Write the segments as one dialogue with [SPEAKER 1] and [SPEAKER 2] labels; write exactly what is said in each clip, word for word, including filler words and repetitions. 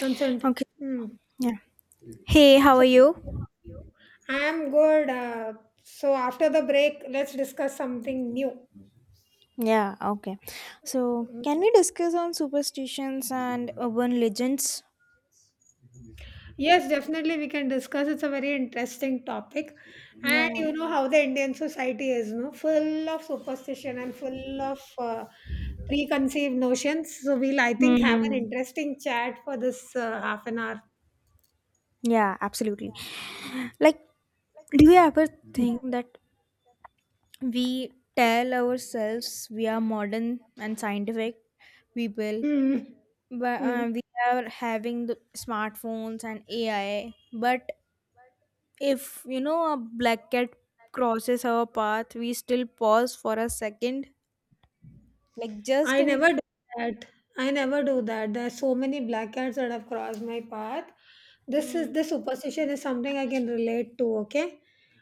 [SPEAKER 1] Consent.
[SPEAKER 2] Okay.
[SPEAKER 1] Hmm.
[SPEAKER 2] Yeah. Hey, how
[SPEAKER 1] So,
[SPEAKER 2] are you?
[SPEAKER 1] I'm good. Uh, so, after the break, let's discuss something new.
[SPEAKER 2] Yeah, okay. So,
[SPEAKER 1] Mm.
[SPEAKER 2] can we discuss on superstitions and urban legends?
[SPEAKER 1] Yes, definitely, we can discuss. It's a very interesting topic.
[SPEAKER 2] Yeah.
[SPEAKER 1] And you know how the Indian society is, no? Full of superstition and full of uh, preconceived notions. So, we'll, I think, have an
[SPEAKER 2] Hmm.
[SPEAKER 1] interesting chat for this uh, half an hour.
[SPEAKER 2] Yeah, absolutely. Like, do you ever
[SPEAKER 1] Mm.
[SPEAKER 2] think that we tell ourselves we are modern and scientific people,
[SPEAKER 1] Mm.
[SPEAKER 2] but uh,
[SPEAKER 1] Mm.
[SPEAKER 2] we are having the smartphones and A I? But if you know a black cat crosses our path, we still pause for a second like just
[SPEAKER 1] I
[SPEAKER 2] in
[SPEAKER 1] never do that. I never do that. There are so many black cats that have crossed my path. This
[SPEAKER 2] Hmm.
[SPEAKER 1] is this superstition is something I can relate to, okay?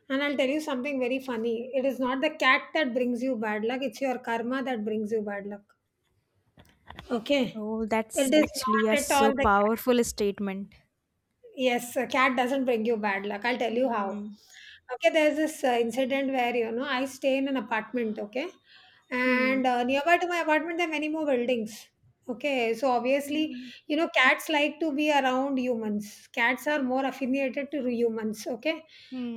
[SPEAKER 1] And I'll tell you something very funny. It is not the cat that brings you bad luck, it's your karma that brings you bad luck. Okay?
[SPEAKER 2] Oh, that's
[SPEAKER 1] It is
[SPEAKER 2] actually a
[SPEAKER 1] not at all
[SPEAKER 2] so
[SPEAKER 1] the cat.
[SPEAKER 2] powerful statement.
[SPEAKER 1] Yes, a cat doesn't bring you bad luck. I'll tell you how.
[SPEAKER 2] Hmm.
[SPEAKER 1] Okay, there's this uh, incident where, you know, I stay in an apartment, okay?
[SPEAKER 2] Hmm.
[SPEAKER 1] And uh, nearby to my apartment, there are many more buildings. Okay, so obviously,
[SPEAKER 2] Hmm.
[SPEAKER 1] you know, cats like to be around humans. Cats are more affiliated to humans, okay?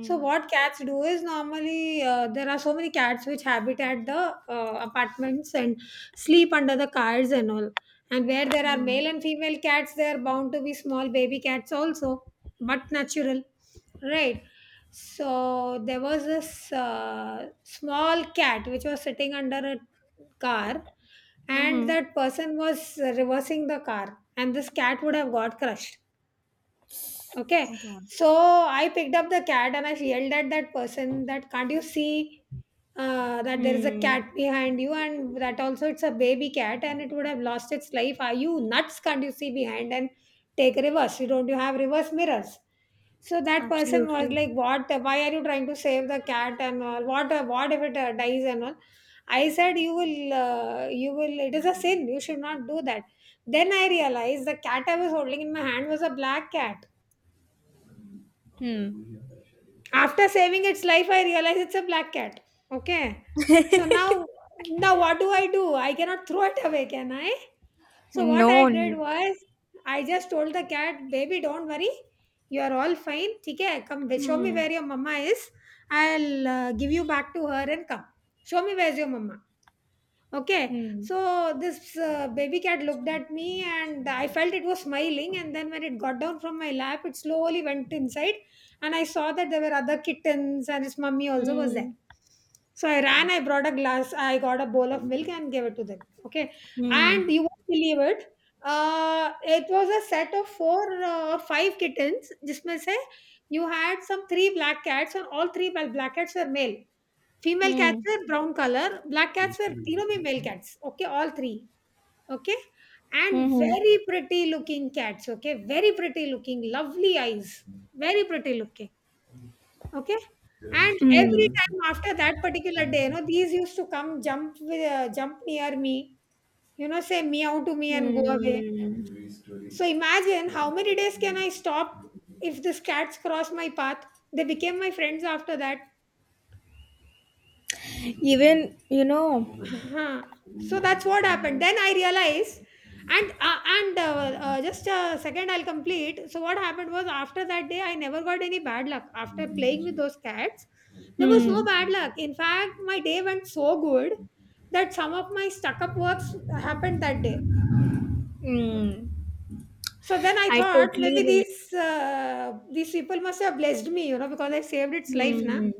[SPEAKER 1] So what cats do is normally uh, there are so many cats which habit at the uh, apartments and sleep under the cars and all. And where there are
[SPEAKER 2] Hmm.
[SPEAKER 1] male and female cats, there are bound to be small baby cats also, but natural, right? So there was this uh, small cat which was sitting under a car, and
[SPEAKER 2] Hmm.
[SPEAKER 1] that person was reversing the car, and this cat would have got crushed. Okay.
[SPEAKER 2] Oh God.
[SPEAKER 1] So I picked up the cat and I yelled at that person that can't you see uh, that there is a
[SPEAKER 2] Hmm.
[SPEAKER 1] cat behind you and that also it's a baby cat and it would have lost its life. Are you nuts? Can't you see behind and take reverse? You don't you have reverse mirrors? So that person was
[SPEAKER 2] Absolutely.
[SPEAKER 1] like, "What? Why are you trying to save the cat and all? What? What if it uh, dies and all?" I said, "You will, uh, you will. It is a sin. You should not do that." Then I realized the cat I was holding in my hand was a black cat.
[SPEAKER 2] Hmm.
[SPEAKER 1] After saving its life, I realize it's a black cat. Okay. So now, now what do I do? I cannot throw it away, can I? So what I
[SPEAKER 2] No
[SPEAKER 1] did
[SPEAKER 2] need.
[SPEAKER 1] was, I just told the cat, baby, don't worry. You are all fine. Okay. Come show me
[SPEAKER 2] Hmm.
[SPEAKER 1] where your mama is. I'll uh, give you back to her and come. Show me where's your mama. Okay,
[SPEAKER 2] Hmm.
[SPEAKER 1] so this uh, baby cat looked at me and I felt it was smiling. And then when it got down from my lap, it slowly went inside. And I saw that there were other kittens and its mummy also was
[SPEAKER 2] Hmm.
[SPEAKER 1] there. So I ran, I brought a glass, I got a bowl of milk and gave it to them. Okay,
[SPEAKER 2] Hmm.
[SPEAKER 1] and you won't believe it. Uh, it was a set of four uh, or five kittens. जिसमें से you had some three black cats, and all three bla- black cats were male. Female cats
[SPEAKER 2] Hmm.
[SPEAKER 1] were brown color. Black cats were, you know, me male cats. Okay, all three. Okay, and
[SPEAKER 2] Hmm.
[SPEAKER 1] very pretty looking cats. Okay, very pretty looking, lovely eyes, very pretty looking. Okay, and every
[SPEAKER 2] Hmm.
[SPEAKER 1] time after that particular day, you know, these used to come jump with, uh, jump near me. You know, say meow to me and go away.
[SPEAKER 2] Hmm.
[SPEAKER 1] So imagine how many days can I stop if these cats cross my path? They became my friends after that.
[SPEAKER 2] Even you know.
[SPEAKER 1] Uh-huh. So that's what happened. Then I realized, and uh, and uh, uh, just a second, I'll complete. So what happened was after that day, I never got any bad luck. After playing with those cats, there was no bad
[SPEAKER 2] Hmm.
[SPEAKER 1] luck. In fact, my day went so good that some of my stuck-up works happened that day.
[SPEAKER 2] Mm,
[SPEAKER 1] So then I
[SPEAKER 2] I
[SPEAKER 1] thought
[SPEAKER 2] totally
[SPEAKER 1] maybe
[SPEAKER 2] relate.
[SPEAKER 1] these uh, these people must have blessed me, you know, because I saved its life, na.
[SPEAKER 2] Mm,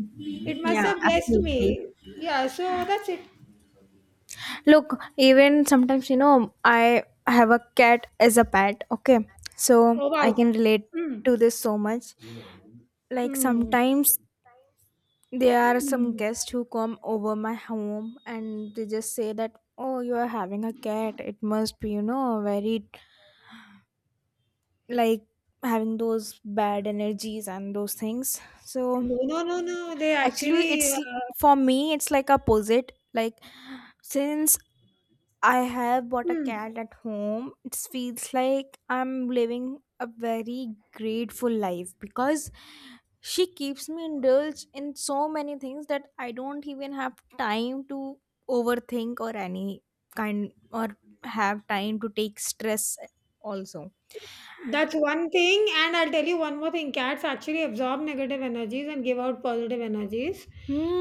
[SPEAKER 1] It must
[SPEAKER 2] yeah,
[SPEAKER 1] have blessed
[SPEAKER 2] absolutely.
[SPEAKER 1] me. Yeah. So that's it.
[SPEAKER 2] Look,
[SPEAKER 1] Look,
[SPEAKER 2] even sometimes, you
[SPEAKER 1] even
[SPEAKER 2] know, I
[SPEAKER 1] I,
[SPEAKER 2] have a cat
[SPEAKER 1] I
[SPEAKER 2] as a
[SPEAKER 1] consider
[SPEAKER 2] pet,
[SPEAKER 1] the
[SPEAKER 2] okay?
[SPEAKER 1] matter
[SPEAKER 2] So
[SPEAKER 1] still. Oh
[SPEAKER 2] I
[SPEAKER 1] wow.
[SPEAKER 2] can
[SPEAKER 1] So,
[SPEAKER 2] relate
[SPEAKER 1] mm,
[SPEAKER 2] to this so much. Like
[SPEAKER 1] mm,
[SPEAKER 2] sometimes there are some
[SPEAKER 1] mm.
[SPEAKER 2] guests who come over my home and they just say that, oh, you are having a cat. It must be, you know, very like having those bad energies and those things. So
[SPEAKER 1] No, no, no, no. They
[SPEAKER 2] actually,
[SPEAKER 1] actually.
[SPEAKER 2] it's,
[SPEAKER 1] Uh,
[SPEAKER 2] for me, it's like opposite. Like since I have bought a
[SPEAKER 1] mm.
[SPEAKER 2] cat at home, it feels like I'm living a very grateful life because she keeps me indulged in so many things that I don't even have time to overthink or any kind or have time to take stress also.
[SPEAKER 1] That's one thing, and I'll tell you one more thing. Cats actually absorb negative energies and give out positive energies.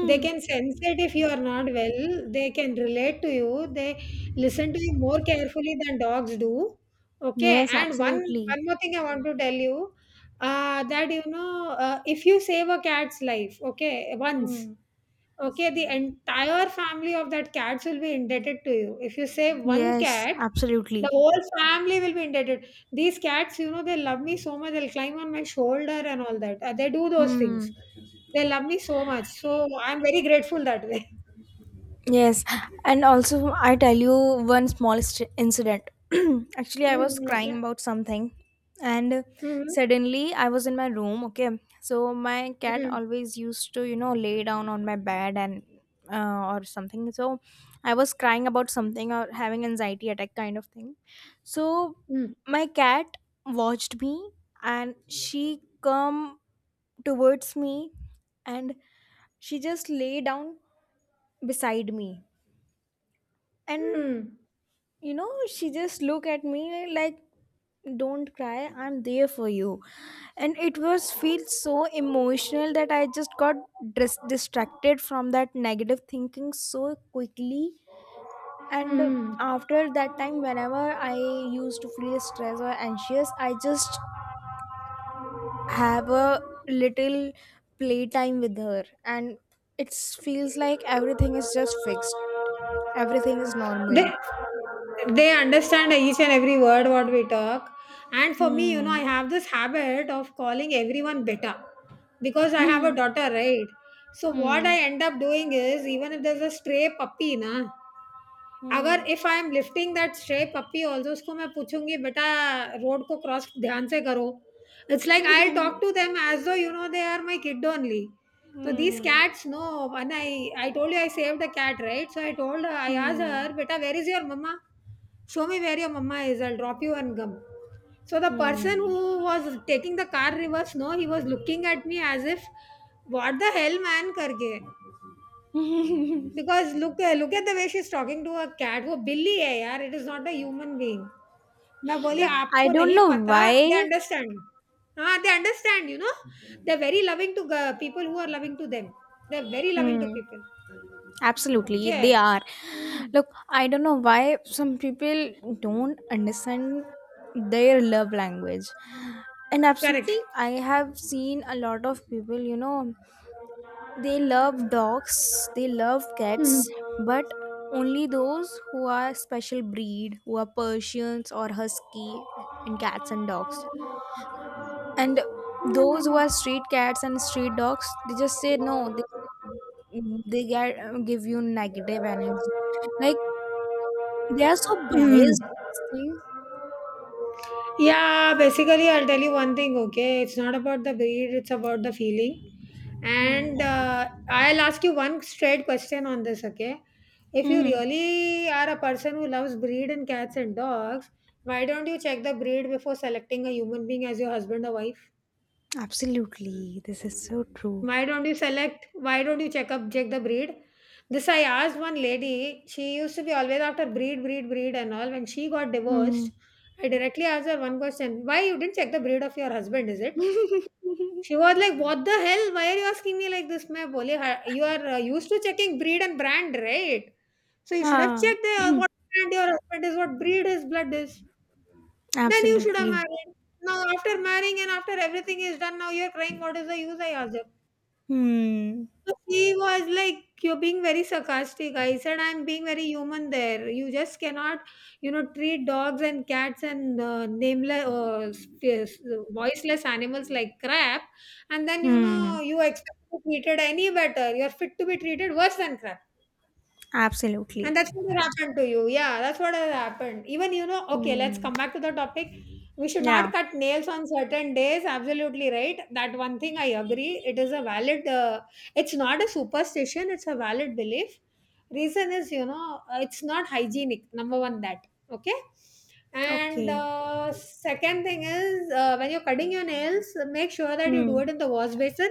[SPEAKER 1] They can sense it if you are not well. They can relate to you. They listen to you more carefully than dogs do. Okay,
[SPEAKER 2] Yes,
[SPEAKER 1] and one
[SPEAKER 2] absolutely.
[SPEAKER 1] one more thing I want to tell you, uh, that you know, uh, if you save a cat's life, okay, once,
[SPEAKER 2] Hmm.
[SPEAKER 1] okay, the entire family of that cats will be indebted to you. If you save one
[SPEAKER 2] Yes,
[SPEAKER 1] cat, the
[SPEAKER 2] absolutely.
[SPEAKER 1] whole family will be indebted. These cats, you know, they love me so much. They'll climb on my shoulder and all that. Uh, They do those
[SPEAKER 2] Hmm.
[SPEAKER 1] things. They love me so much. So I'm very grateful that way.
[SPEAKER 2] Yes, and also I tell you one small st- incident. Actually, I was
[SPEAKER 1] Mm,
[SPEAKER 2] crying
[SPEAKER 1] okay.
[SPEAKER 2] about something, and
[SPEAKER 1] Mm,
[SPEAKER 2] suddenly I was in my room. Okay, so my cat
[SPEAKER 1] mm,
[SPEAKER 2] always used to, you know, lay down on my bed and uh, or something. So I was crying about something or having anxiety attack kind of thing. So
[SPEAKER 1] mm,
[SPEAKER 2] my cat watched me, and she come towards me, and she just lay down beside me, and
[SPEAKER 1] mm,
[SPEAKER 2] you know she just looked at me like, don't cry, I'm there for you. And it was feel so emotional that I just got dis- distracted from that negative thinking so quickly. And
[SPEAKER 1] mm.
[SPEAKER 2] after that time, whenever I used to feel stressed or anxious, I just have a little playtime with her, and it feels like everything is just fixed, everything is
[SPEAKER 1] They,
[SPEAKER 2] normal.
[SPEAKER 1] they understand each and every word what we talk. And for me, you
[SPEAKER 2] Hmm.
[SPEAKER 1] know, I have this habit of calling everyone beta because I have a
[SPEAKER 2] Hmm.
[SPEAKER 1] daughter, right? So what I
[SPEAKER 2] Hmm.
[SPEAKER 1] end up doing is even if there's a stray puppy, na,
[SPEAKER 2] Hmm.
[SPEAKER 1] अगर if I am lifting that stray puppy also उसको मैं पूछूँगी बेटा road को cross ध्यान से करो। It's like I will talk to them as though you know they are my kid only. So these
[SPEAKER 2] Hmm.
[SPEAKER 1] cats know when I I told you I saved a cat, right? So I told her I asked her,
[SPEAKER 2] Hmm.
[SPEAKER 1] "Beta, where is your mama? Show me where your mama is. I'll drop you and gum." So the person
[SPEAKER 2] Hmm.
[SPEAKER 1] who was taking the car reverse, no, he was looking at me as if, "What the hell, man?" करके because look at look at the way she's talking to her cat वो बिल्ली है यार it is not a human being मैं बोली
[SPEAKER 2] Look, I
[SPEAKER 1] आपको
[SPEAKER 2] don't
[SPEAKER 1] नहीं
[SPEAKER 2] know
[SPEAKER 1] पता they
[SPEAKER 2] why.
[SPEAKER 1] understand हाँ they understand you know they're very loving to uh, people who are loving to them they're very loving to
[SPEAKER 2] Hmm.
[SPEAKER 1] people
[SPEAKER 2] Absolutely, they
[SPEAKER 1] Okay.
[SPEAKER 2] are. Look, I don't know why some people don't understand their love language. And absolutely,
[SPEAKER 1] Correct.
[SPEAKER 2] I have seen a lot of people, you know, they love dogs, they love cats, but only those who are special breed, who are Persians or Husky in cats and dogs, and those who are street cats and street dogs, they just say no, they they get, give you negative energy, like they are so
[SPEAKER 1] Mm.
[SPEAKER 2] biased in this thing.
[SPEAKER 1] Yeah, basically, I'll tell you one thing, okay? It's not about the breed, it's about the feeling. And
[SPEAKER 2] Hmm.
[SPEAKER 1] uh, I'll ask you one straight question on this, okay? If you
[SPEAKER 2] Hmm.
[SPEAKER 1] really are a person who loves breed and cats and dogs, why don't you check the breed before selecting a human being as your husband or wife?
[SPEAKER 2] Absolutely. This is so true.
[SPEAKER 1] Why don't you select? Why don't you check up check the breed? This I asked one lady. She used to be always after breed, breed, breed, and all. When she got
[SPEAKER 2] Hmm.
[SPEAKER 1] divorced, I directly asked her one question: Why you didn't check the breed of your husband? Is it? She was like, "What the hell? Why are you asking me like this?" मैं बोले, "हाँ, "You are uh, used to checking breed and brand, right? So you should have
[SPEAKER 2] Ah,
[SPEAKER 1] checked uh, what brand your husband is, what breed his blood is. Then you should have
[SPEAKER 2] absolutely.
[SPEAKER 1] married. Now after marrying and after everything is done, now you're crying. What is the use?" I asked her.
[SPEAKER 2] Hmm.
[SPEAKER 1] So she was like, You're being very sarcastic. I said, I'm being very human there. You just cannot, you know, treat dogs and cats and uh, nameless, uh, s- s- voiceless animals like crap. And then, you
[SPEAKER 2] Hmm.
[SPEAKER 1] know, you expect to be treated any better. You're fit to be treated worse than crap.
[SPEAKER 2] Absolutely.
[SPEAKER 1] And that's what had happened to you. Yeah, that's what has happened. Even, you know, okay, let's
[SPEAKER 2] Hmm.
[SPEAKER 1] come back to the topic. We should not
[SPEAKER 2] Yeah.
[SPEAKER 1] cut nails on certain days. Absolutely right. That one thing I agree. It is a valid, uh, it's not a superstition, it's a valid belief. Reason is, you know, uh, it's not hygienic. Number one, that. Okay. And
[SPEAKER 2] Okay.
[SPEAKER 1] uh, second thing is, uh, when you're cutting your nails, make sure that you do it
[SPEAKER 2] Hmm.
[SPEAKER 1] in the wash basin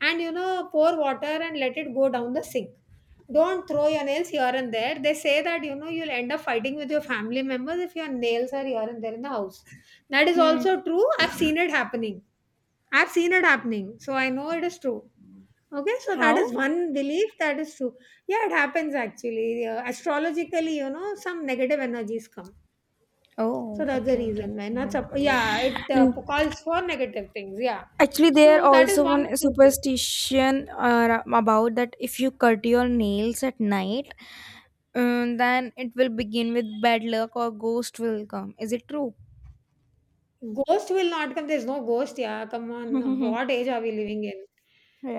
[SPEAKER 1] and, you know, pour water and let it go down the sink. Don't throw your nails here and there. They say that you know you'll end up fighting with your family members if your nails are here and there in the house. That is
[SPEAKER 2] Hmm.
[SPEAKER 1] also true. I've seen it happening. I've seen it happening. So I know it is true. Okay, so that is
[SPEAKER 2] How?
[SPEAKER 1] one belief that is true. Yeah, it happens actually. Uh, astrologically, you know, some negative energies come. So
[SPEAKER 2] Oh,
[SPEAKER 1] that's the
[SPEAKER 2] okay, okay.
[SPEAKER 1] reason why
[SPEAKER 2] Okay,
[SPEAKER 1] not sup- yeah, it uh,
[SPEAKER 2] yeah.
[SPEAKER 1] calls for negative things. Yeah.
[SPEAKER 2] Actually, there
[SPEAKER 1] So that
[SPEAKER 2] also
[SPEAKER 1] is one
[SPEAKER 2] one
[SPEAKER 1] true thing.
[SPEAKER 2] superstition uh, about that, if you cut your nails at night, um, then it will begin with bad luck or ghost will come. Is it true?
[SPEAKER 1] Ghost will not come. There's no ghost. Yeah, come on. What age are we living in?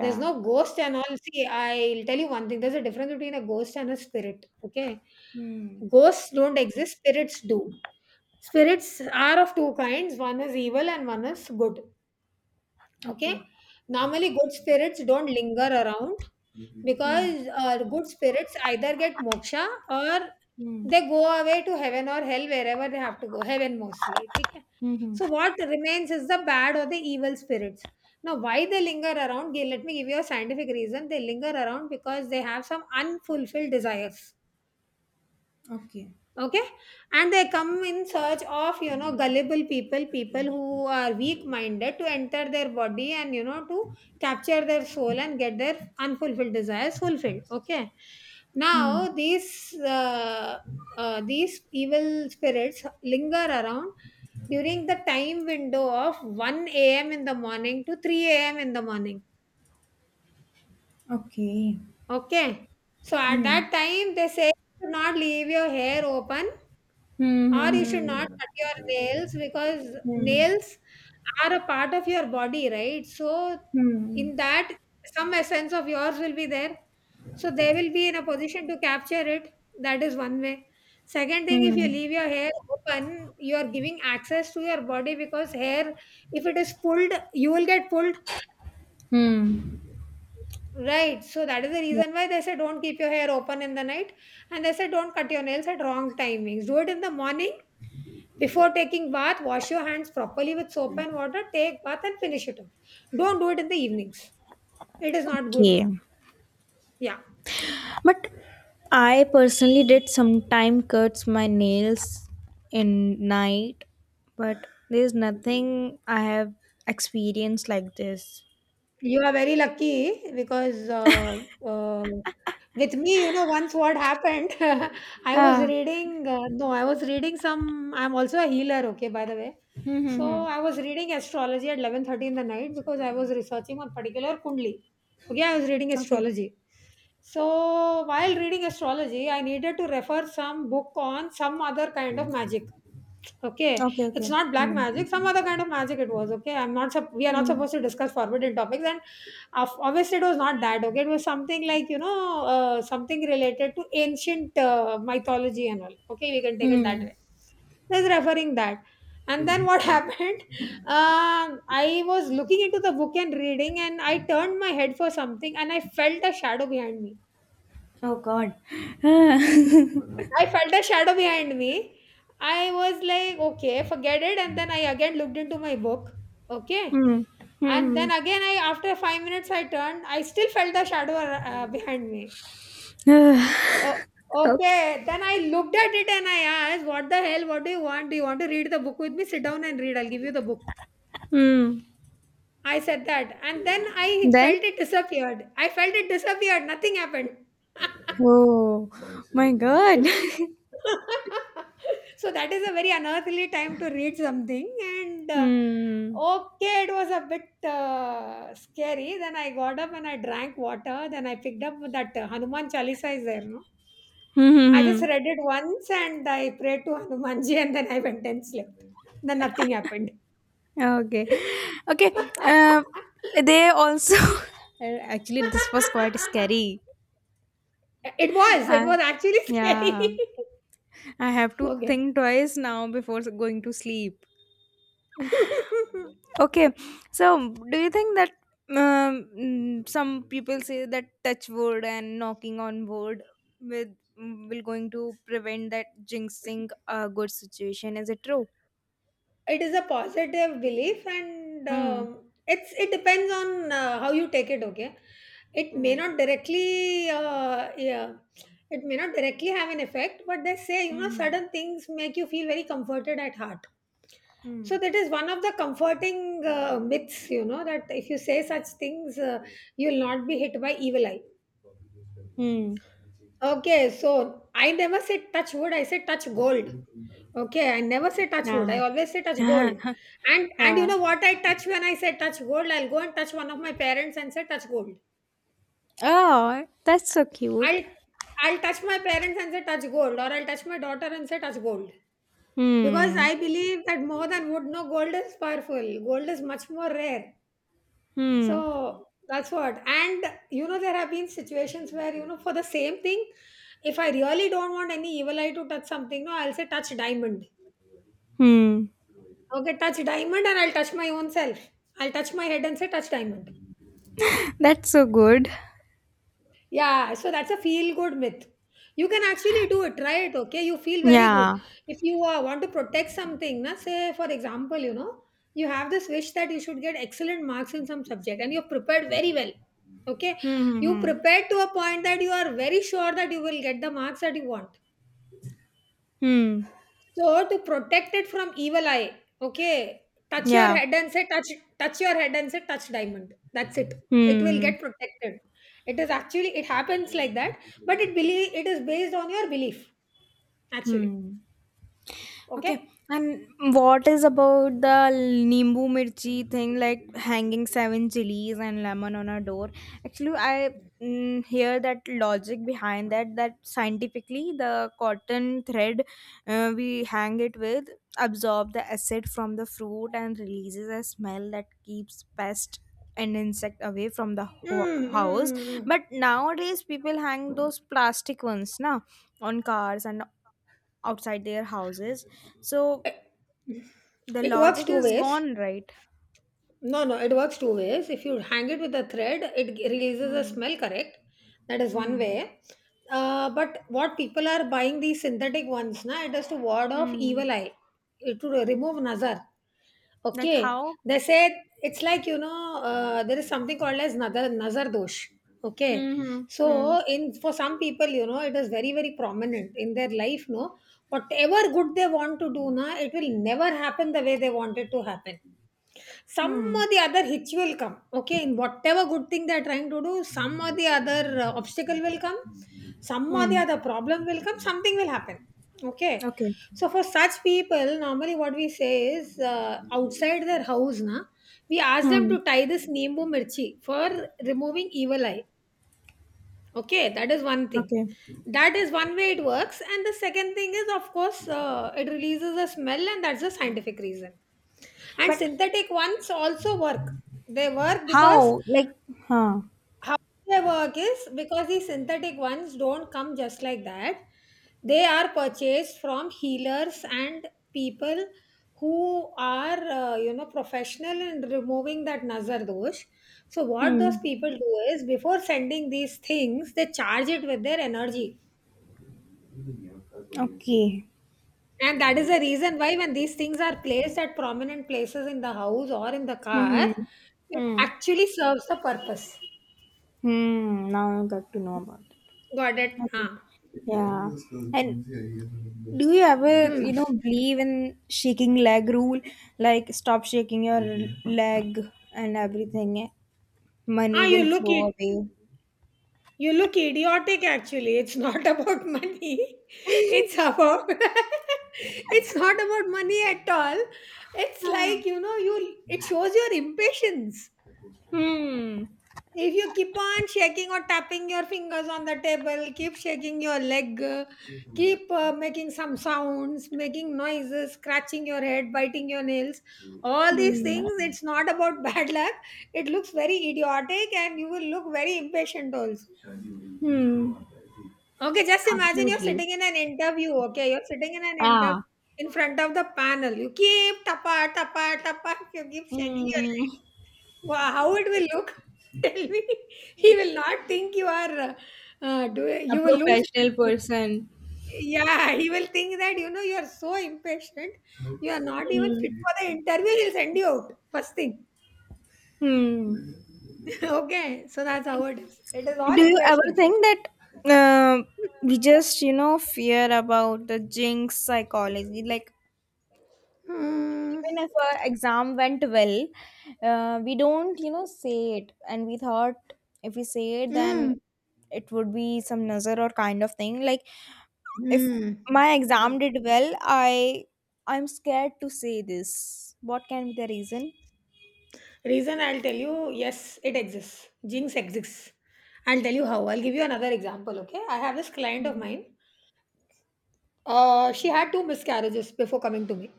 [SPEAKER 1] There's no ghost and all. See, I'll tell you one thing. There's a difference between a ghost and a spirit. Okay.
[SPEAKER 2] Hmm.
[SPEAKER 1] Ghosts don't exist. Spirits do. Spirits are of two kinds. One is evil and one is good. Okay,
[SPEAKER 2] Okay.
[SPEAKER 1] normally good spirits don't linger around
[SPEAKER 2] Hmm.
[SPEAKER 1] because uh, good spirits either get moksha or
[SPEAKER 2] Hmm.
[SPEAKER 1] they go away to heaven or hell, wherever they have to go. Heaven mostly. Okay?
[SPEAKER 2] Hmm.
[SPEAKER 1] So what remains is the bad or the evil spirits. Now, why they linger around? Gi- Let me give you a scientific reason. They linger around because they have some unfulfilled desires,
[SPEAKER 2] Okay.
[SPEAKER 1] okay, and they come in search of, you know gullible people people who are weak minded, to enter their body and, you know to capture their soul and get their unfulfilled desires fulfilled. Okay,
[SPEAKER 2] Hmm.
[SPEAKER 1] now these uh, uh, these evil spirits linger around during the time window of one a.m. in the morning to three a.m. in the morning.
[SPEAKER 2] Okay.
[SPEAKER 1] Okay, so at that
[SPEAKER 2] Hmm.
[SPEAKER 1] time they say, do not leave your hair open, or
[SPEAKER 2] Hmm.
[SPEAKER 1] you should not
[SPEAKER 2] Hmm.
[SPEAKER 1] cut your nails because
[SPEAKER 2] Hmm.
[SPEAKER 1] nails are a part of your body, right? So
[SPEAKER 2] Hmm.
[SPEAKER 1] in that, some essence of yours will be there, so they will be in a position to capture it. That is one way. Second thing,
[SPEAKER 2] Hmm.
[SPEAKER 1] if you
[SPEAKER 2] Hmm.
[SPEAKER 1] leave your hair open, you are giving access to your body because hair, if it is pulled, you will get pulled.
[SPEAKER 2] Hmm.
[SPEAKER 1] Right. So that is the
[SPEAKER 2] Yeah.
[SPEAKER 1] reason why they say don't keep your hair open in the night. And they say don't cut your nails at wrong timings. Do it in the morning before taking bath. Wash your hands properly with soap and water. Take bath and finish it off. Don't do it in the evenings. It is not good.
[SPEAKER 2] Okay.
[SPEAKER 1] Yeah.
[SPEAKER 2] But I personally did sometime cuts my nails in night, but there's nothing I have experienced like this.
[SPEAKER 1] You are very lucky because uh, uh, with me, you know, once what happened, I was
[SPEAKER 2] Ah.
[SPEAKER 1] reading, uh, no, I was reading some, I'm also a healer, okay, by the way.
[SPEAKER 2] Hmm, hmm, hmm.
[SPEAKER 1] So I was reading astrology at eleven thirty in the night because I was researching on particular Kundli. Okay, I was reading
[SPEAKER 2] Okay.
[SPEAKER 1] astrology. So while reading astrology, I needed to refer some book on some other kind of magic. Okay,
[SPEAKER 2] Okay,
[SPEAKER 1] it's
[SPEAKER 2] okay.
[SPEAKER 1] not black
[SPEAKER 2] Hmm.
[SPEAKER 1] magic, some other kind of magic it was, okay? I'm not, sup- we are not
[SPEAKER 2] Hmm.
[SPEAKER 1] supposed to discuss forbidden topics. And of- obviously, it was not that, okay? It was something like, you know, uh, something related to ancient uh, mythology and all, okay? We can take it that
[SPEAKER 2] Hmm.
[SPEAKER 1] way. He's referring that. And then what happened? Um, I was looking into the book and reading, and I turned my head for something, and I felt a shadow behind me.
[SPEAKER 2] Oh God. Ah.
[SPEAKER 1] I felt a shadow behind me. I was like, okay, forget it. And then I again looked into my book. Okay.
[SPEAKER 2] Hmm.
[SPEAKER 1] And
[SPEAKER 2] Hmm.
[SPEAKER 1] then again, I, after five minutes, I turned. I still felt the shadow uh, behind me. Oh,
[SPEAKER 2] Ah. Okay.
[SPEAKER 1] okay. Then I looked at it and I asked, "What the hell? What do you want? Do you want to read the book with me? Sit down and read. I'll give you the book."
[SPEAKER 2] Hmm.
[SPEAKER 1] I said that, and then I
[SPEAKER 2] Then.
[SPEAKER 1] felt it disappeared. I felt it disappeared. Nothing happened.
[SPEAKER 2] Oh my God.
[SPEAKER 1] So that is a very unearthly time to read something. And uh,
[SPEAKER 2] Hmm.
[SPEAKER 1] okay, it was a bit uh, scary. Then I got up and I drank water. Then I picked up that uh, Hanuman Chalisa is there, no?
[SPEAKER 2] Hmm. Hmm,
[SPEAKER 1] I just
[SPEAKER 2] hmm.
[SPEAKER 1] read it once and I prayed to Hanumanji and then I went and slept. Then nothing happened.
[SPEAKER 2] Okay, okay. Um, they also actually this was quite scary.
[SPEAKER 1] it was
[SPEAKER 2] Uh,
[SPEAKER 1] it was actually scary.
[SPEAKER 2] yeah, I have to
[SPEAKER 1] Okay.
[SPEAKER 2] think twice now before going to sleep. Okay, so do you think that um, mm, some people say that touch wood and knocking on wood with, mm, will going to prevent that jinxing a good situation? Is it true?
[SPEAKER 1] It is a positive belief, and
[SPEAKER 2] Hmm.
[SPEAKER 1] um, it's it depends on uh, how you take it. Okay, it may
[SPEAKER 2] Hmm.
[SPEAKER 1] not directly, uh, yeah, it may not directly have an effect, but they say, you know,
[SPEAKER 2] Hmm.
[SPEAKER 1] certain things make you feel very comforted at heart.
[SPEAKER 2] Hmm.
[SPEAKER 1] So that is one of the comforting uh, myths, you know, that if you say such things, uh, you will not be hit by evil eye.
[SPEAKER 2] Hmm.
[SPEAKER 1] Okay, so I never said touch wood, I said touch gold. Okay, I never say touch wood.
[SPEAKER 2] Ah.
[SPEAKER 1] I always say touch gold. And and you
[SPEAKER 2] Ah.
[SPEAKER 1] know what I touch when I say touch gold? I'll go and touch one of my parents and say touch gold.
[SPEAKER 2] Oh, that's so cute.
[SPEAKER 1] I'll I'll touch my parents and say touch gold, or I'll touch my daughter and say touch gold. Because
[SPEAKER 2] Hmm.
[SPEAKER 1] I believe that more than wood, no, gold is powerful. Gold is much more rare.
[SPEAKER 2] Hmm.
[SPEAKER 1] So that's what. And, you know, there have been situations where, you know, for the same thing, if I really don't want any evil eye to touch something, no, I'll say touch diamond.
[SPEAKER 2] Hmm.
[SPEAKER 1] Okay, touch diamond, and I'll touch my own self. I'll touch my head and say, touch diamond.
[SPEAKER 2] That's so good.
[SPEAKER 1] Yeah, so that's a feel good myth. You can actually do it, try it, okay? You feel very good.
[SPEAKER 2] Yeah.
[SPEAKER 1] If you uh, want to protect something, na, say, for example, you know, you have this wish that you should get excellent marks in some subject and you're prepared very well, okay?
[SPEAKER 2] Hmm.
[SPEAKER 1] You
[SPEAKER 2] Hmm.
[SPEAKER 1] prepared to a point that you are very sure that you will get the marks that you want.
[SPEAKER 2] Hmm. Hmm.
[SPEAKER 1] So to protect it from evil eye, okay, touch your
[SPEAKER 2] Yeah.
[SPEAKER 1] head and say touch touch your head and say touch diamond. That's it. It will
[SPEAKER 2] Hmm.
[SPEAKER 1] get protected. It is actually it happens like that, but it, believe it is based on your belief actually.
[SPEAKER 2] Hmm. Okay,
[SPEAKER 1] Okay.
[SPEAKER 2] and what is about the nimbu mirchi thing, like hanging seven chilies and lemon on a door? Actually, I, mm, hear that logic behind that. That scientifically, the cotton thread uh, we hang it with absorb the acid from the fruit and releases a smell that keeps pests and insect away from the
[SPEAKER 1] Mm,
[SPEAKER 2] ho- house.
[SPEAKER 1] mm, mm,
[SPEAKER 2] But nowadays, people hang those plastic ones now on cars and outside their houses, so
[SPEAKER 1] mm.
[SPEAKER 2] the
[SPEAKER 1] It works
[SPEAKER 2] logic
[SPEAKER 1] two
[SPEAKER 2] is
[SPEAKER 1] ways.
[SPEAKER 2] gone, right?
[SPEAKER 1] No, no, it works two ways. If you hang it with a thread, it g- releases a
[SPEAKER 2] Hmm.
[SPEAKER 1] smell, correct? That is one
[SPEAKER 2] Hmm.
[SPEAKER 1] way. Uh, but what people are buying these synthetic ones, na, it is to ward off evil
[SPEAKER 2] Hmm,
[SPEAKER 1] eye, it to remove nazar.
[SPEAKER 2] like
[SPEAKER 1] Okay,
[SPEAKER 2] how?
[SPEAKER 1] they said it's like, you know, uh, there is something called as nazar, nazar dosh. Okay,
[SPEAKER 2] Hmm. Hmm.
[SPEAKER 1] so in, for some people, you know, it is very very prominent in their life. No, whatever good they want to do, na, it will never happen the way they want it to happen, some
[SPEAKER 2] Hmm.
[SPEAKER 1] or the other hitch will come. Okay, in whatever good thing they're trying to do, some or the other uh, obstacle will come, some or
[SPEAKER 2] Hmm.
[SPEAKER 1] the other problem will come, something will happen. Okay,
[SPEAKER 2] Okay.
[SPEAKER 1] so for such people, normally what we say is, uh, outside their house, na, we ask them
[SPEAKER 2] Hmm.
[SPEAKER 1] to tie this neembu mirchi for removing evil eye. Okay, that is one thing.
[SPEAKER 2] Okay.
[SPEAKER 1] That is one way it works. And the second thing is, of course, uh, it releases a smell, and that's a scientific reason. And
[SPEAKER 2] But
[SPEAKER 1] synthetic ones also work. They work because,
[SPEAKER 2] how? Like, huh?
[SPEAKER 1] how they work is because these synthetic ones don't come just like that. They are purchased from healers and people who are, uh, you know, professional in removing that nazar dosh. So what those
[SPEAKER 2] Hmm.
[SPEAKER 1] people do is before sending these things, they charge it with their energy.
[SPEAKER 2] Okay.
[SPEAKER 1] And that is the reason why when these things are placed at prominent places in the house or in the car,
[SPEAKER 2] Hmm.
[SPEAKER 1] it
[SPEAKER 2] Hmm.
[SPEAKER 1] actually serves the purpose.
[SPEAKER 2] Hmm. Now I got to know about it.
[SPEAKER 1] Got it?
[SPEAKER 2] Okay.
[SPEAKER 1] Ah.
[SPEAKER 2] Yeah. And do you ever, you
[SPEAKER 1] Hmm.
[SPEAKER 2] know, believe in shaking leg rule? Like stop shaking your leg and everything. Money
[SPEAKER 1] Ah, you
[SPEAKER 2] will
[SPEAKER 1] look
[SPEAKER 2] flow
[SPEAKER 1] it.
[SPEAKER 2] away.
[SPEAKER 1] You look idiotic actually. It's not about money. It's about it's not about money at all. It's like, you know, you, it shows your impatience.
[SPEAKER 2] Hmm.
[SPEAKER 1] If you keep on shaking or tapping your fingers on the table, keep shaking your leg, uh, keep uh, making some sounds, making noises, scratching your head, biting your nails, all these things,
[SPEAKER 2] Hmm.
[SPEAKER 1] it's not about bad luck. It looks very idiotic and you will look very impatient also.
[SPEAKER 2] Hmm.
[SPEAKER 1] Okay, just imagine you're
[SPEAKER 2] Absolutely.
[SPEAKER 1] sitting in an interview. Okay, you're sitting in an interview
[SPEAKER 2] Ah.
[SPEAKER 1] in front of the panel. You keep tapa tapa tapa. You keep shaking your
[SPEAKER 2] Hmm.
[SPEAKER 1] leg. Wow, how it will look? Tell me. He will not think you are. Uh, uh, do
[SPEAKER 2] A
[SPEAKER 1] you, will lose
[SPEAKER 2] professional
[SPEAKER 1] money.
[SPEAKER 2] person.
[SPEAKER 1] Yeah, he will think that you know you are so impatient. You are not even fit
[SPEAKER 2] Hmm.
[SPEAKER 1] for the interview. He'll send you out first thing.
[SPEAKER 2] Hmm.
[SPEAKER 1] Okay, so that's how it is. It is all
[SPEAKER 2] Do you ever
[SPEAKER 1] impatience.
[SPEAKER 2] think that uh, we just, you know, fear about the jinx psychology? Like
[SPEAKER 1] Hmm.
[SPEAKER 2] even if our exam went well, uh, we don't you know say it, and we thought if we say it, then
[SPEAKER 1] Mm.
[SPEAKER 2] it would be some nazar or kind of thing. Like if
[SPEAKER 1] Mm.
[SPEAKER 2] my
[SPEAKER 1] Yeah.
[SPEAKER 2] exam did well, i i'm scared to say this. What can be the reason?
[SPEAKER 1] Reason I'll tell you, yes, it exists. Jinx exists. I'll tell you how. I'll give you another example, okay? I have this client of
[SPEAKER 2] Hmm.
[SPEAKER 1] mine. Uh, she had two miscarriages before coming to me,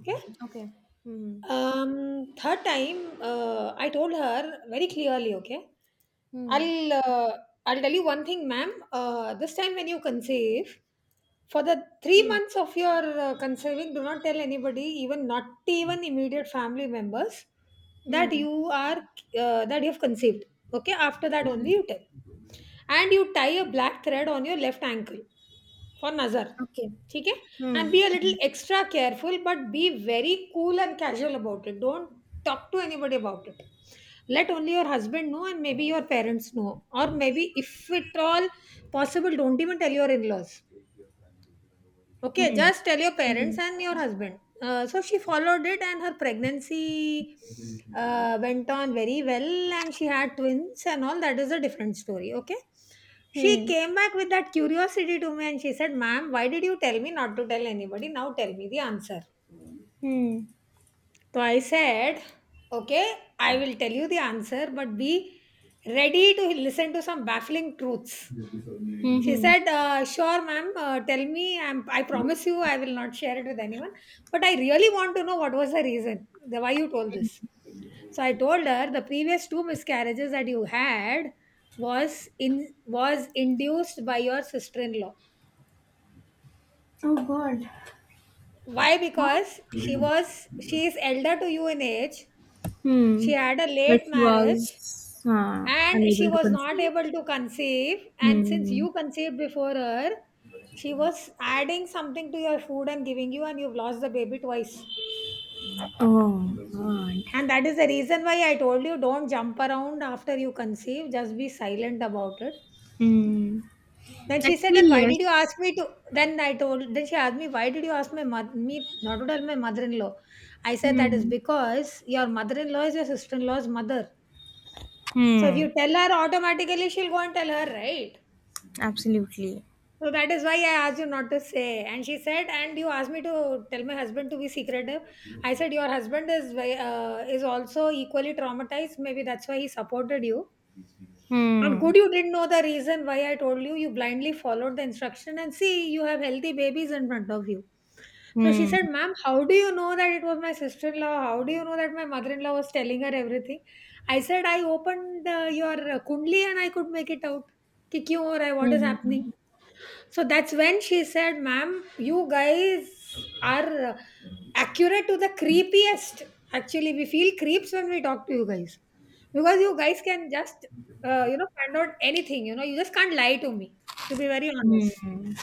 [SPEAKER 1] okay?
[SPEAKER 2] Okay. Hmm.
[SPEAKER 1] Um, third time, uh, I told her very clearly, okay,
[SPEAKER 2] Hmm.
[SPEAKER 1] I'll uh, I'll tell you one thing, ma'am. Uh, this time when you conceive, for the three
[SPEAKER 2] Hmm.
[SPEAKER 1] months of your uh, conceiving, do not tell anybody, even not even immediate family members, that
[SPEAKER 2] Hmm.
[SPEAKER 1] you are uh, that you have conceived. Okay, after that
[SPEAKER 2] Hmm.
[SPEAKER 1] only you tell, and you tie a black thread on your left ankle. For nazar,
[SPEAKER 2] Okay.
[SPEAKER 1] ठीक है?
[SPEAKER 2] Hmm.
[SPEAKER 1] And be a little
[SPEAKER 2] Hmm.
[SPEAKER 1] extra careful, but be very cool and casual about it. Don't talk to anybody about it. Let only your husband know and maybe your parents know, or maybe if at all possible don't even tell your in-laws. Okay,
[SPEAKER 2] Hmm.
[SPEAKER 1] just tell your parents
[SPEAKER 2] Hmm.
[SPEAKER 1] and your husband. Uh, so she followed it, and her pregnancy uh, went on very well, and she had twins and all. That is a different story. Okay. She
[SPEAKER 2] Hmm.
[SPEAKER 1] came back with that curiosity to me and she said, "Ma'am, why did you tell me not to tell anybody? Now tell me the answer."
[SPEAKER 2] Hmm.
[SPEAKER 1] So I said, "Okay, I will tell you the answer, but be ready to listen to some baffling truths." She
[SPEAKER 2] Hmm.
[SPEAKER 1] said, uh, "Sure, ma'am. Uh, tell me. I'm, I promise you, I will not share it with anyone. But I really want to know what was the reason, the why you told this." So I told her the previous two miscarriages that you had was in was induced by your sister-in-law.
[SPEAKER 2] Oh god.
[SPEAKER 1] Why?
[SPEAKER 2] Huh?
[SPEAKER 1] Because she was she is elder to you in age.
[SPEAKER 2] Hmm.
[SPEAKER 1] She had a
[SPEAKER 2] But
[SPEAKER 1] late
[SPEAKER 2] she
[SPEAKER 1] marriage
[SPEAKER 2] was uh,
[SPEAKER 1] and she
[SPEAKER 2] unable to
[SPEAKER 1] was not
[SPEAKER 2] conceive.
[SPEAKER 1] able to conceive, and since
[SPEAKER 2] Hmm.
[SPEAKER 1] you conceived before her, she was adding something to your food and giving you, and you've lost the baby twice,
[SPEAKER 2] Oh God.
[SPEAKER 1] and that is the reason why I told you don't jump around after you conceive, just be silent about it.
[SPEAKER 2] Hmm.
[SPEAKER 1] Then she said,
[SPEAKER 2] Actually,
[SPEAKER 1] then why did you
[SPEAKER 2] yes.
[SPEAKER 1] ask me to then I told, then she asked me, "Why did you ask my mother me not to tell my mother-in-law?" I said, "That is
[SPEAKER 2] Hmm.
[SPEAKER 1] because your mother-in-law is your sister-in-law's mother, so if
[SPEAKER 2] Hmm.
[SPEAKER 1] you tell her, automatically she'll go and tell her, right?
[SPEAKER 2] Absolutely.
[SPEAKER 1] So that is why I asked you not to say." And she said, "And you asked me to tell my husband to be secretive." I said, "Your husband is ve- uh, is also equally traumatized. Maybe that's why he supported you. And
[SPEAKER 2] Hmm.
[SPEAKER 1] good, you didn't know the reason why I told you. You blindly followed the instruction, and see, you have healthy babies in front of you." So she
[SPEAKER 2] Hmm.
[SPEAKER 1] said, "Ma'am, how do you know that it was my sister in law? How do you know that my mother in law was telling her everything?" I said, "I opened uh, your uh, Kundli and I could make it out." कि क्यों हो रहा है, what is happening.
[SPEAKER 2] Hmm.
[SPEAKER 1] So that's when she said, "Ma'am, you guys are accurate to the creepiest. Actually, we feel creeps when we talk to you guys because you guys can just, uh, you know, find out anything. You know, you just can't lie to me, to be very honest.
[SPEAKER 2] Hmm.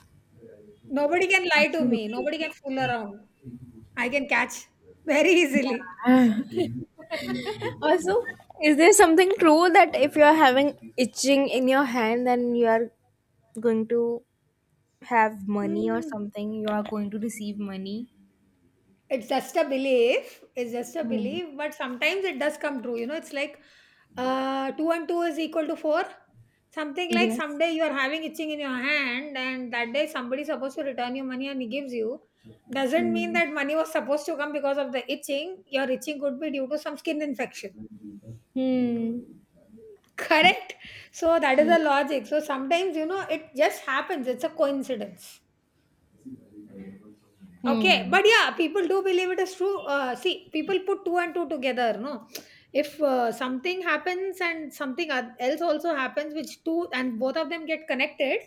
[SPEAKER 1] Nobody can lie to me,
[SPEAKER 2] Absolutely.
[SPEAKER 1] nobody can fool around. I can catch very easily."
[SPEAKER 2] Also, is there something true that if you are having itching in your hand, then you are going to have money or
[SPEAKER 1] Hmm.
[SPEAKER 2] something? You are going to receive money?
[SPEAKER 1] It's just a belief. It's just a
[SPEAKER 2] Hmm.
[SPEAKER 1] belief, but sometimes it does come true. You know, it's like uh, two and two is equal to four. Something like,
[SPEAKER 2] Yes.
[SPEAKER 1] someday you are having itching in your hand, and that day somebody is supposed to return you money and he gives you. Doesn't mean
[SPEAKER 2] Hmm.
[SPEAKER 1] that money was supposed to come because of the itching. Your itching could be due to some skin infection.
[SPEAKER 2] Hmm.
[SPEAKER 1] Correct? So that is
[SPEAKER 2] Hmm.
[SPEAKER 1] the logic. So sometimes, you know, it just happens. It's a coincidence. Okay,
[SPEAKER 2] Hmm.
[SPEAKER 1] but yeah, people do believe it is true. Uh, see, people put two and two together, no? If uh, something happens and something oth- else also happens, which two and both of them get connected,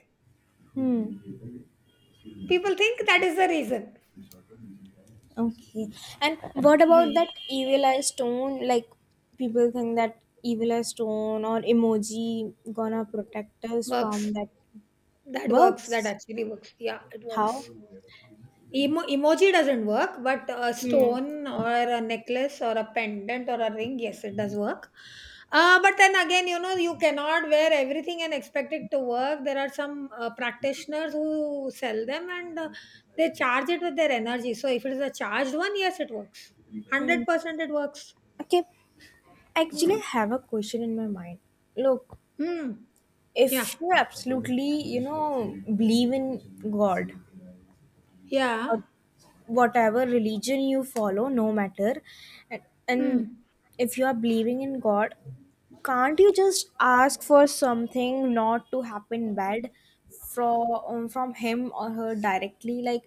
[SPEAKER 2] Hmm.
[SPEAKER 1] people think that is the reason.
[SPEAKER 2] Okay. And what about
[SPEAKER 1] Hmm.
[SPEAKER 2] that evil eye stone? Like people think that evil eye stone or emoji gonna protect us
[SPEAKER 1] Works.
[SPEAKER 2] from that
[SPEAKER 1] That works. That
[SPEAKER 2] works.
[SPEAKER 1] actually works. Yeah, it
[SPEAKER 2] How?
[SPEAKER 1] works. Emo emoji doesn't work, but a
[SPEAKER 2] Hmm.
[SPEAKER 1] stone or a necklace or a pendant or a ring, yes, it does work. Uh, but then again, you know, you cannot wear everything and expect it to work. There are some uh, practitioners who sell them, and uh, they charge it with their energy. So if it is a charged one, yes, it works.
[SPEAKER 2] Hmm.
[SPEAKER 1] one hundred percent it works.
[SPEAKER 2] Okay. Actually,
[SPEAKER 1] Hmm.
[SPEAKER 2] I have a question in my mind. Look,
[SPEAKER 1] Hmm. Yeah.
[SPEAKER 2] if you absolutely, you know, believe in God,
[SPEAKER 1] Yeah.
[SPEAKER 2] or whatever religion you follow, no matter, and, and
[SPEAKER 1] Hmm.
[SPEAKER 2] if you are believing in god, can't you just ask for something not to happen bad from um, from him or her directly? Like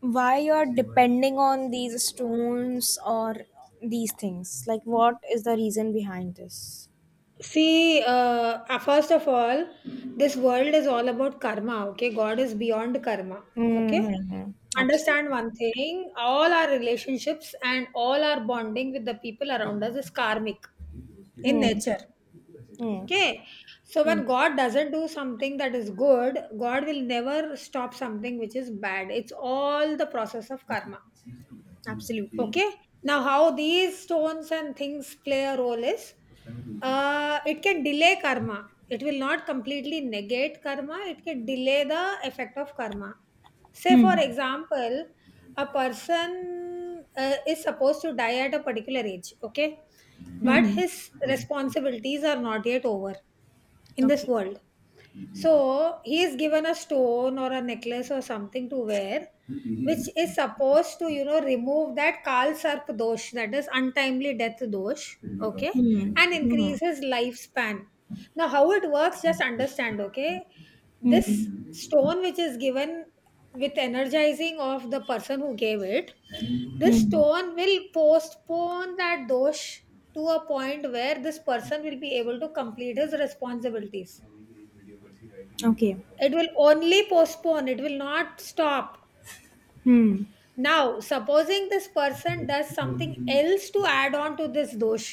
[SPEAKER 2] why you are depending on these stones or these things? Like what is the reason behind this?
[SPEAKER 1] See, uh, uh, first of all, this world is all about karma, okay? God is beyond karma, okay?
[SPEAKER 2] Mm-hmm.
[SPEAKER 1] Understand
[SPEAKER 2] Absolutely.
[SPEAKER 1] one thing: all our relationships and all our bonding with the people around us is karmic in
[SPEAKER 2] Hmm.
[SPEAKER 1] nature,
[SPEAKER 2] Hmm.
[SPEAKER 1] okay? So,
[SPEAKER 2] Hmm.
[SPEAKER 1] when God doesn't do something that is good, God will never stop something which is bad. It's all the process of karma.
[SPEAKER 2] Absolutely.
[SPEAKER 1] Okay, now how these stones and things play a role is, uh, it can delay karma, it will not completely negate karma, it can delay the effect of karma. Say for
[SPEAKER 2] Hmm.
[SPEAKER 1] example, a person uh, is supposed to die at a particular age, okay, but
[SPEAKER 2] Hmm.
[SPEAKER 1] his responsibilities are not yet over in this
[SPEAKER 2] Okay.
[SPEAKER 1] world, so he is given a stone or a necklace or something to wear, which is supposed to, you know, remove that Kal Sarp dosh, that is untimely death dosh, okay,
[SPEAKER 2] Hmm.
[SPEAKER 1] and increase
[SPEAKER 2] Hmm.
[SPEAKER 1] his lifespan. Now, how it works, just understand, okay? This
[SPEAKER 2] Hmm.
[SPEAKER 1] stone which is given with energizing of the person who gave it, this
[SPEAKER 2] Hmm.
[SPEAKER 1] stone will postpone that dosh to a point where this person will be able to complete his responsibilities.
[SPEAKER 2] Okay.
[SPEAKER 1] It will only postpone, it will not stop.
[SPEAKER 2] Hmm.
[SPEAKER 1] Now, supposing this person does something else to add on to this dosh,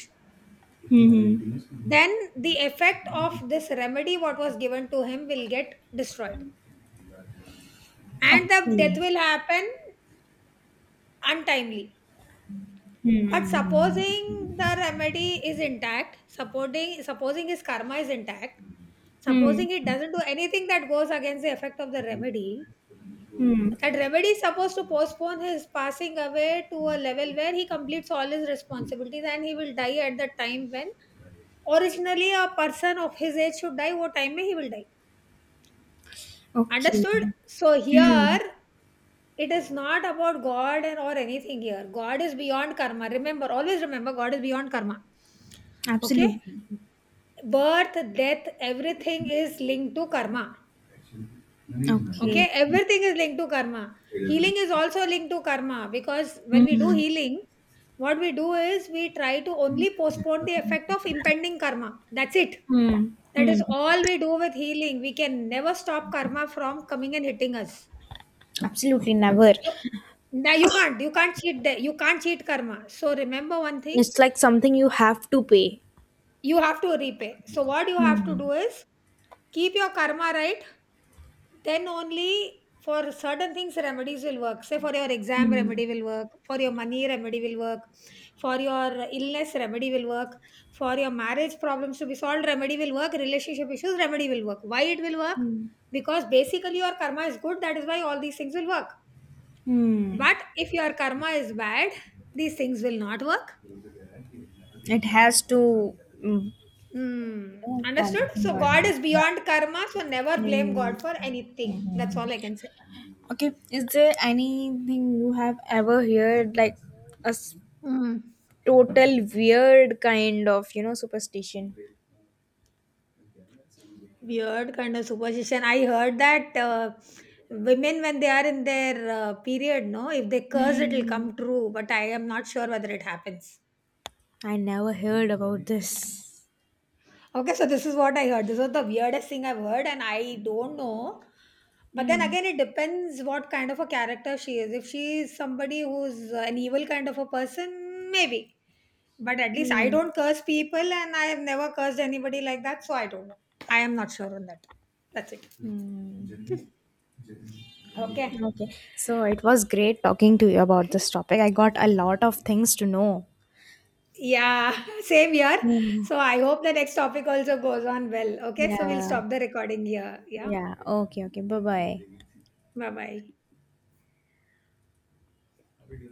[SPEAKER 2] Hmm.
[SPEAKER 1] then the effect of this remedy what was given to him will get destroyed and the death
[SPEAKER 2] Okay.
[SPEAKER 1] will happen untimely. But
[SPEAKER 2] Hmm.
[SPEAKER 1] supposing the remedy is intact, supporting supposing his karma is intact,
[SPEAKER 2] Hmm.
[SPEAKER 1] supposing it doesn't do anything that goes against the effect of the remedy,
[SPEAKER 2] Hmm.
[SPEAKER 1] that remedy is supposed to postpone his passing away to a level where he completes all his responsibilities, and he will die at the time when originally a person of his age should die, what time may he will die. Understood?
[SPEAKER 2] Okay.
[SPEAKER 1] So
[SPEAKER 2] Hmm.
[SPEAKER 1] here it is not about God and or anything here. God is beyond karma. Remember, always remember, God is beyond karma. Okay?
[SPEAKER 2] Absolutely.
[SPEAKER 1] Birth, death, everything is linked to karma.
[SPEAKER 2] Okay.
[SPEAKER 1] Okay, everything is linked to karma. Healing is also linked to karma, because when we do
[SPEAKER 2] Hmm.
[SPEAKER 1] healing, what we do is we try to only postpone the effect of impending karma. That's it.
[SPEAKER 2] Hmm.
[SPEAKER 1] That
[SPEAKER 2] Hmm.
[SPEAKER 1] is all we do with healing. We can never stop karma from coming and hitting us.
[SPEAKER 2] Absolutely never.
[SPEAKER 1] So now you can't. You can't cheat the, you can't cheat karma. So remember one thing,
[SPEAKER 2] It's like something you have to pay.
[SPEAKER 1] you have to repay. So what you have to
[SPEAKER 2] Hmm.
[SPEAKER 1] do is keep your karma right, then only for certain things remedies will work. Say, for your exam,
[SPEAKER 2] Hmm.
[SPEAKER 1] remedy will work. For your money, remedy will work. For your illness, remedy will work. For your marriage problems to be solved, remedy will work. Relationship issues, remedy will work. Why it will work?
[SPEAKER 2] Hmm.
[SPEAKER 1] Because basically your karma is good, that is why all these things will work.
[SPEAKER 2] Hmm.
[SPEAKER 1] But if your karma is bad, these things will not work.
[SPEAKER 2] It has to, mm, you
[SPEAKER 1] Hmm.
[SPEAKER 2] know, come
[SPEAKER 1] Understood?
[SPEAKER 2] in
[SPEAKER 1] So
[SPEAKER 2] your
[SPEAKER 1] God
[SPEAKER 2] life.
[SPEAKER 1] is
[SPEAKER 2] Yeah.
[SPEAKER 1] beyond karma, so never
[SPEAKER 2] Yeah,
[SPEAKER 1] blame
[SPEAKER 2] yeah, yeah.
[SPEAKER 1] God for anything. That's
[SPEAKER 2] Mhm.
[SPEAKER 1] all I can say.
[SPEAKER 2] Okay, is there anything you have ever heard like a s-
[SPEAKER 1] Mm,
[SPEAKER 2] total weird kind of, you know, superstition?
[SPEAKER 1] weird kind of superstition. I heard that uh, women, when they are in their uh, period, no, if they curse, it'll
[SPEAKER 2] Hmm.
[SPEAKER 1] come true. But I am not sure whether it happens.
[SPEAKER 2] I never heard about this.
[SPEAKER 1] Okay, so this is what I heard. This was the weirdest thing I've heard, and I don't know. But then
[SPEAKER 2] Hmm.
[SPEAKER 1] again, it depends what kind of a character she is. If she is somebody who's an evil kind of a person, maybe. But at least I
[SPEAKER 2] Hmm.
[SPEAKER 1] don't curse people, and I have never cursed anybody like that, so I don't know. I am not sure on that. That's it.
[SPEAKER 2] Hmm.
[SPEAKER 1] Okay.
[SPEAKER 2] Okay, so it was great talking to you about this topic. I got a lot of things to know.
[SPEAKER 1] Yeah, same here.
[SPEAKER 2] Hmm.
[SPEAKER 1] So I hope the next topic also goes on well. Okay, so we'll
[SPEAKER 2] Yeah.
[SPEAKER 1] stop the recording here. Yeah,
[SPEAKER 2] Yeah. Okay. Okay. Bye bye.
[SPEAKER 1] bye bye.